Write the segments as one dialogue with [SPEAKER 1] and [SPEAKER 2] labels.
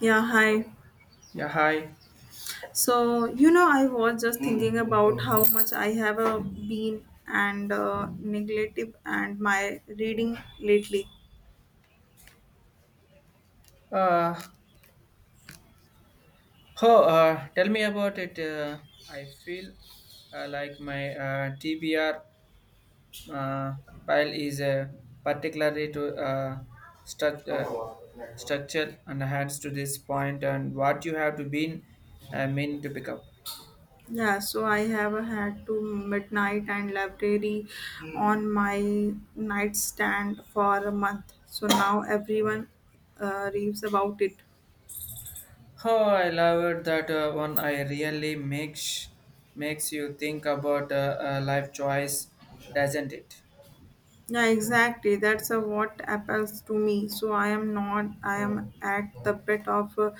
[SPEAKER 1] Yeah, hi.
[SPEAKER 2] Yeah, hi.
[SPEAKER 1] So, you know, I was just thinking about how much I have been and neglective and my reading lately.
[SPEAKER 2] Uh, oh, tell me about it. I feel like my TBR uh, pile is particularly to struct uh, structure and hands to this point and what you have to be mean to pick up.
[SPEAKER 1] Yeah, so I have had to midnight and library on my nightstand for a month. So now everyone raves about it.
[SPEAKER 2] Oh, I love it that one. I really makes you think about life choice, doesn't it?
[SPEAKER 1] Yeah, exactly. That's what appeals to me. So I am not. I am at the bit of a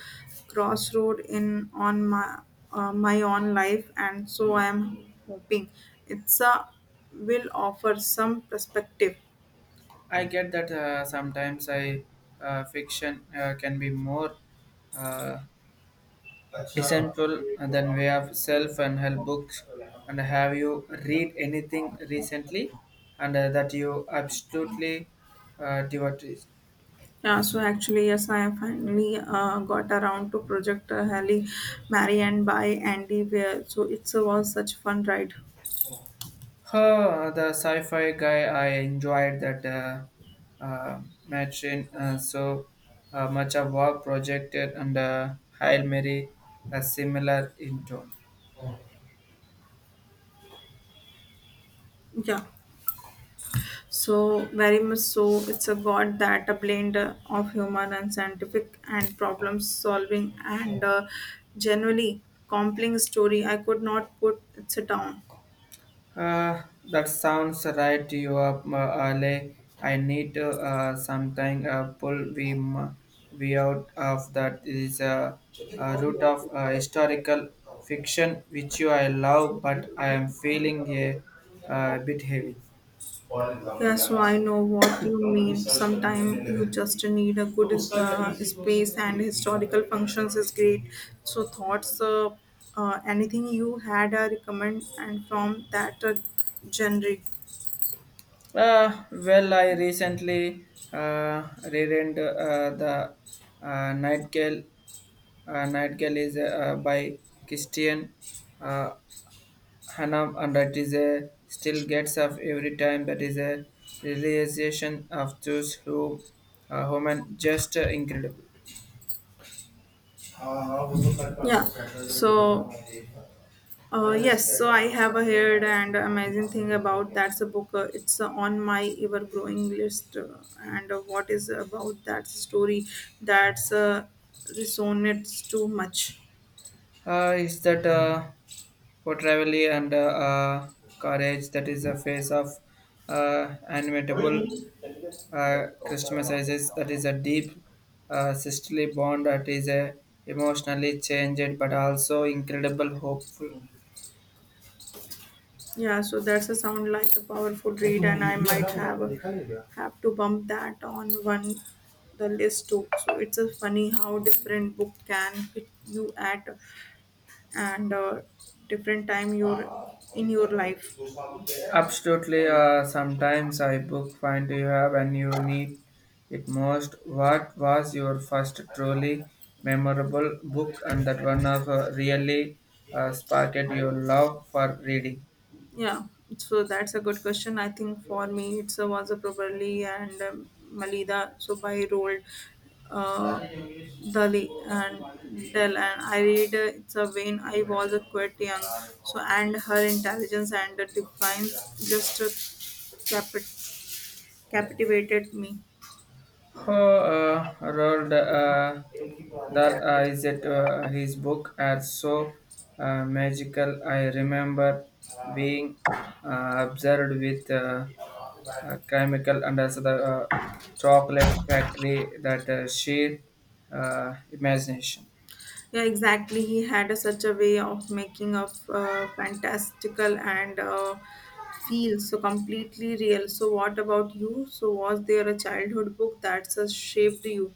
[SPEAKER 1] crossroad in on my my own life, and so I am hoping it's a will offer some perspective.
[SPEAKER 2] I get that sometimes I fiction can be more uh, essential than way of self and help books. And have you read anything recently, and that you absolutely devotee?
[SPEAKER 1] Yeah. So actually, yes, I have finally got around to Project Halle Mary and by Andy Weir. So it was such fun ride.
[SPEAKER 2] Her the sci-fi guy I enjoyed that match in so much of work projected and Hail Mary a similar in tone.
[SPEAKER 1] Yeah. So, very much so, it's a god that a blend of human and scientific and problem solving and generally compelling story. I could not put it down.
[SPEAKER 2] That sounds right to you up alley. I need to sometime pull we out of that is a root of historical fiction which you I love, but I am feeling a bit heavy.
[SPEAKER 1] Yes, so I know what you mean. Sometimes you just need a good space, and historical functions is great. So thoughts, anything you had a recommend and from that genre.
[SPEAKER 2] Well, I recently reread the Nightingale. Nightingale is by Christian uh, Hanam, and that is a still gets up every time. That is a realization of those who human just incredible.
[SPEAKER 1] Yeah. So yes, so I have a heard and amazing thing about that's a book. It's on my ever growing list, and what is about that story that's resonates too much.
[SPEAKER 2] Is that portrayal and uh, courage that is a face of animatable Christmases that is a deep sisterly bond that is a emotionally changed but also incredible hopeful.
[SPEAKER 1] Yeah, so that's a sound like a powerful read, and I might have to bump that on one the list too. So it's a funny how different book can hit you at and different time you're in your life.
[SPEAKER 2] Absolutely, sometimes I book find you have and you need it most. What was your first truly memorable book and that one of really sparked your love for reading?
[SPEAKER 1] Yeah, so that's a good question. I think for me, it's a was a probably and Malida. So by rolled Dali and Dell, and I read it's a vein. I was a quite young, so and her intelligence and the divine just capit- captivated me.
[SPEAKER 2] Oh, Roald Dahl is it his book are so magical. I remember being observed with chemical and also the chocolate factory that sheer imagination.
[SPEAKER 1] Yeah, exactly. He had a, such a way of making of fantastical and feel so completely real. So, what about you? So, was there a childhood book that's shaped you?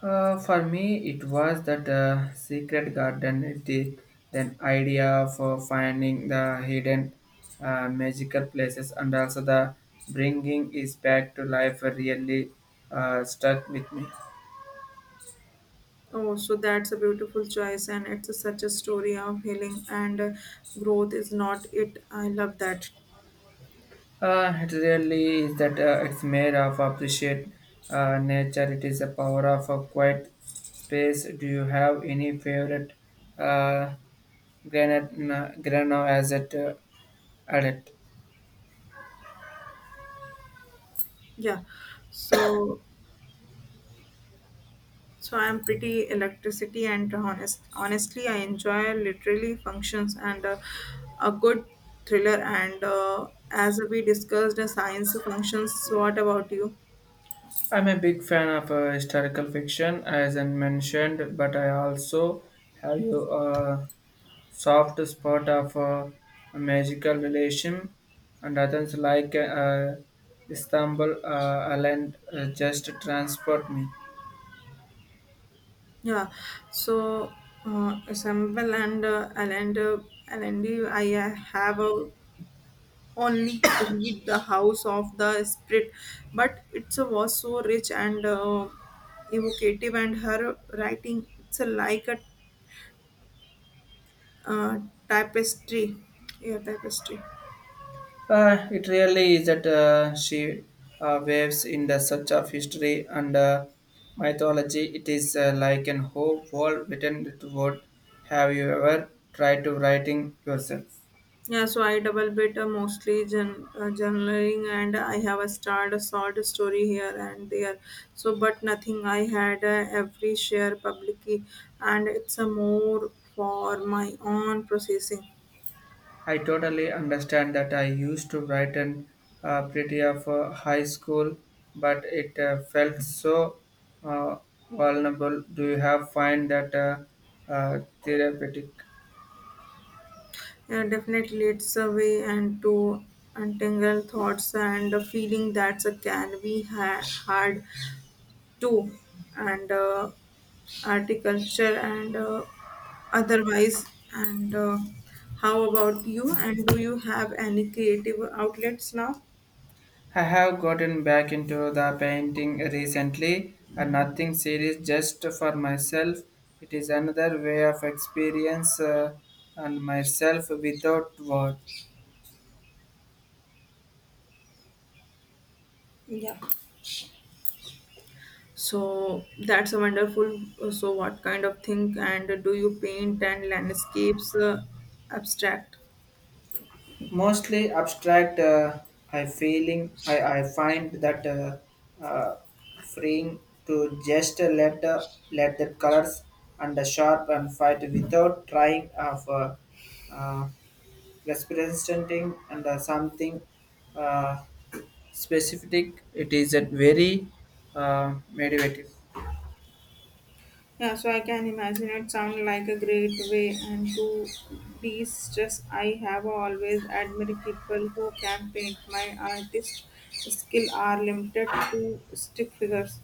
[SPEAKER 2] For me, it was that secret garden, the then idea for finding the hidden magical places and also the bringing is back to life really stuck with me.
[SPEAKER 1] Oh, so that's a beautiful choice, and it's a, such a story of healing and growth, is not it? I love that.
[SPEAKER 2] It really is that it's made of appreciate nature. It is a power of a quiet space. Do you have any favorite uh, granite grano as it adult?
[SPEAKER 1] Yeah. So, so I'm pretty electricity and honest. Honestly, I enjoy literally functions and a good thriller. And as we discussed, science functions. So what about you?
[SPEAKER 2] I'm a big fan of historical fiction, as I mentioned, but I also have a soft spot of a magical relation and others like Istanbul Island just transport me.
[SPEAKER 1] Yeah. So Assemble and I have a only read the House of the Spirit, but it's a was so rich and. Evocative and her writing it's a like a uh, tapestry. Yeah, tapestry.
[SPEAKER 2] It really is that she waves in the such of history and mythology. It is like an whole world written to what have you ever tried to writing yourself?
[SPEAKER 1] Yeah, so I double bit mostly journaling, and I have a start a short story here and there. So, but nothing. I had every share publicly, and it's a more for my own processing.
[SPEAKER 2] I totally understand that I used to write an pretty of high school, but it felt so uh, vulnerable. Do you have find that therapeutic?
[SPEAKER 1] Yeah, definitely, it's a way and to untangle thoughts and a feeling that's a can be hard too, and art culture and. Otherwise and how about you and do you have any creative outlets now
[SPEAKER 2] I have gotten back into the painting recently, a nothing series just for myself. It is another way of experience and myself without word.
[SPEAKER 1] so that's a wonderful so what kind of thing and do you paint and landscapes abstract.
[SPEAKER 2] Mostly abstract, I feeling I find that freeing to just let the colors and the sharp and fight without trying of uh, representing and something. Uh, Specific it is a very meditative.
[SPEAKER 1] Yeah, so I can imagine it sound like a great way and to de-stress. I have always admired people who can paint. My artist skill are limited to stick figures.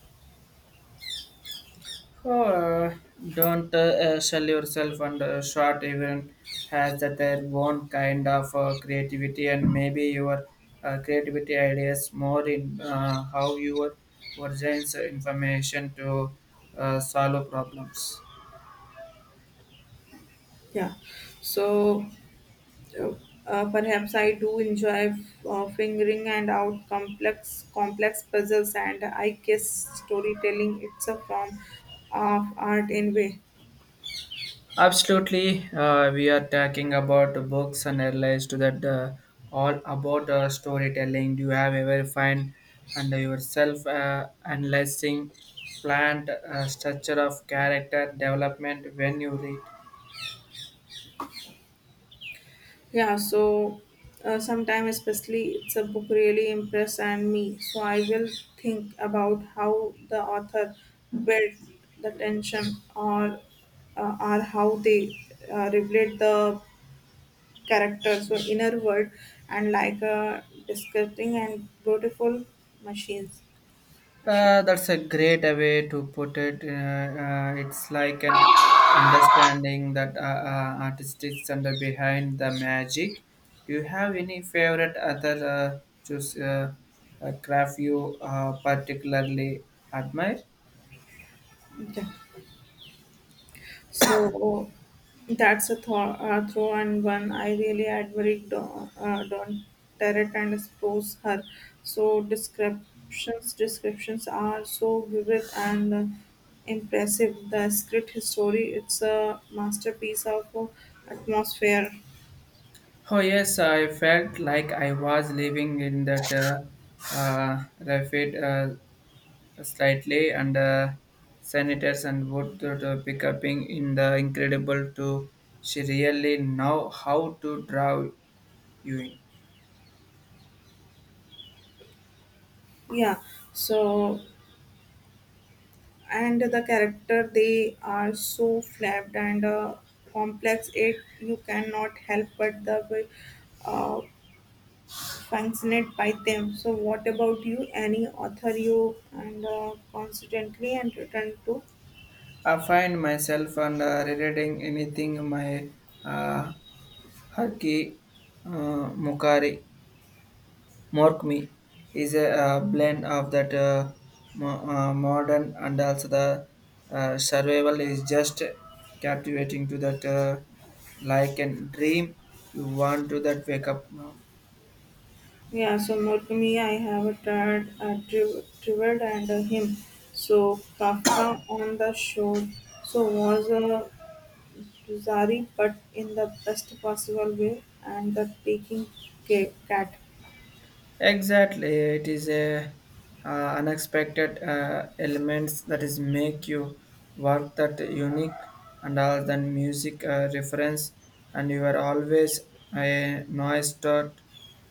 [SPEAKER 2] Oh, don't sell yourself and short even has that their own kind of creativity and maybe your creativity ideas more in how your versions information to solve problems.
[SPEAKER 1] Yeah. So perhaps I do enjoy figuring and out complex puzzles, and I guess storytelling it's a form of art in way.
[SPEAKER 2] Absolutely, we are talking about the books and realized that all about storytelling. Do you have ever find under yourself analyzing plant structure of character development when you read?
[SPEAKER 1] Yeah, so sometimes especially it's a book really impress and me. So I will think about how the author built the tension or or how they revealed the characters were inner world and like a disgusting and beautiful machines machines.
[SPEAKER 2] That's a great way to put it. It's like an understanding that artistics and behind the magic. Do you have any favorite other choose craft you particularly admire?
[SPEAKER 1] Yeah, so that's a thought throw and one I really admired Don Tarrant and suppose her so descriptions are so vivid and impressive the script history it's a masterpiece of atmosphere.
[SPEAKER 2] Oh yes, I felt like I was living in that rapid slightly and senators and would to pick up in the incredible to she really know how to draw you in.
[SPEAKER 1] Yeah, so and the character they are so flipped and complex it you cannot help but the way, uh, fascinated by them. So what about you? Any author you and constantly and return to?
[SPEAKER 2] I find myself and rereading anything my uh, Harki uh, Mukari Morkmi is a blend of that modern and also the survival is just captivating to that like a dream you want to that wake up now.
[SPEAKER 1] Yeah, so Murakami I have tried Drivet and him. So Kafka on the shore so was a Zari but in the best possible way and the taking cat.
[SPEAKER 2] Exactly, it is a uh, unexpected elements that is make you work that unique and all that music reference, and you are always a noise dot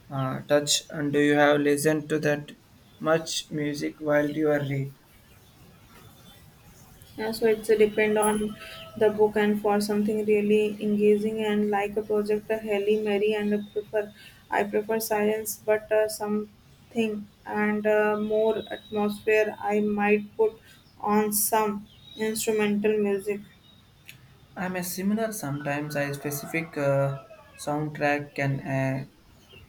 [SPEAKER 2] touch. And do you have listened to that much music while you are read?
[SPEAKER 1] Yeah, so it's depend on the book and for something really engaging and like a project, a Halle Mary and I prefer silence, but something and more atmosphere. I might put on some instrumental music.
[SPEAKER 2] I'm a similar. Sometimes a specific soundtrack can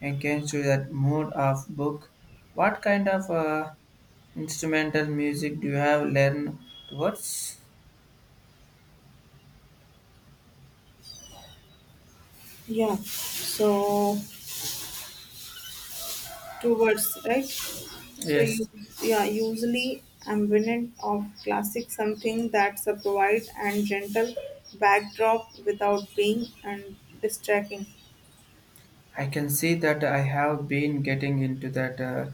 [SPEAKER 2] engage to that mood of book. What kind of instrumental music do you have learned towards?
[SPEAKER 1] Yeah, so two words, right? So you,
[SPEAKER 2] Yes,
[SPEAKER 1] yeah, usually ambient of classic something that's a provide and gentle backdrop without being and distracting.
[SPEAKER 2] I can see that I have been getting into that uh,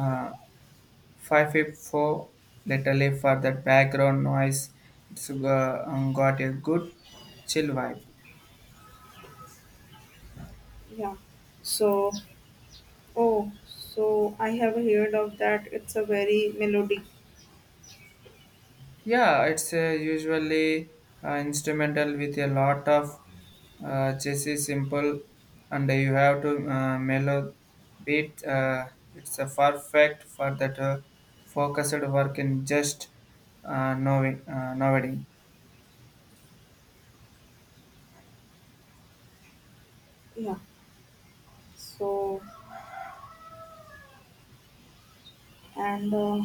[SPEAKER 2] uh, 554 lately for that background noise. It's got a good chill vibe.
[SPEAKER 1] Yeah. So, oh, so I have heard of that. It's a very melodic.
[SPEAKER 2] Yeah, it's usually instrumental with a lot of chassis simple, and you have to mellow beat. It's a perfect for that focused work in just knowing, nodding.
[SPEAKER 1] Yeah. So, and uh,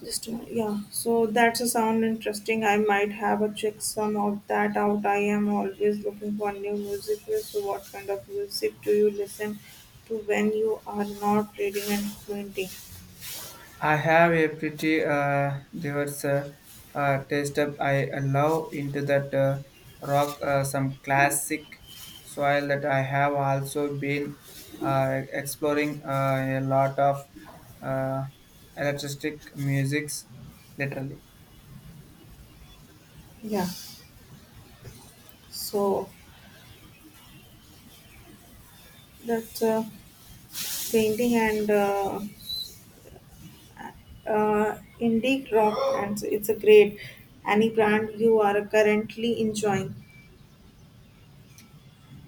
[SPEAKER 1] just, a- yeah. So that's a sound interesting. I might have a check some of that out. I am always looking for new music. So, what kind of music do you listen to when you are not reading and painting?
[SPEAKER 2] I have a pretty diverse taste up. I allow into that rock some classic soil that I have also been exploring a lot of uh, electric musics, literally.
[SPEAKER 1] Yeah. So that's painting and indie rock, and so it's a great any brand you are currently enjoying.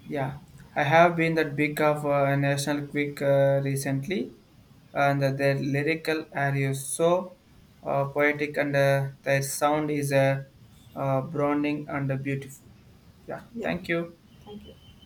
[SPEAKER 2] Yeah, I have been that big of a National Quick recently, and their lyrical are you so poetic, and their sound is brooding and beautiful. Yeah,
[SPEAKER 1] Yeah,
[SPEAKER 2] thank you.
[SPEAKER 1] thank you.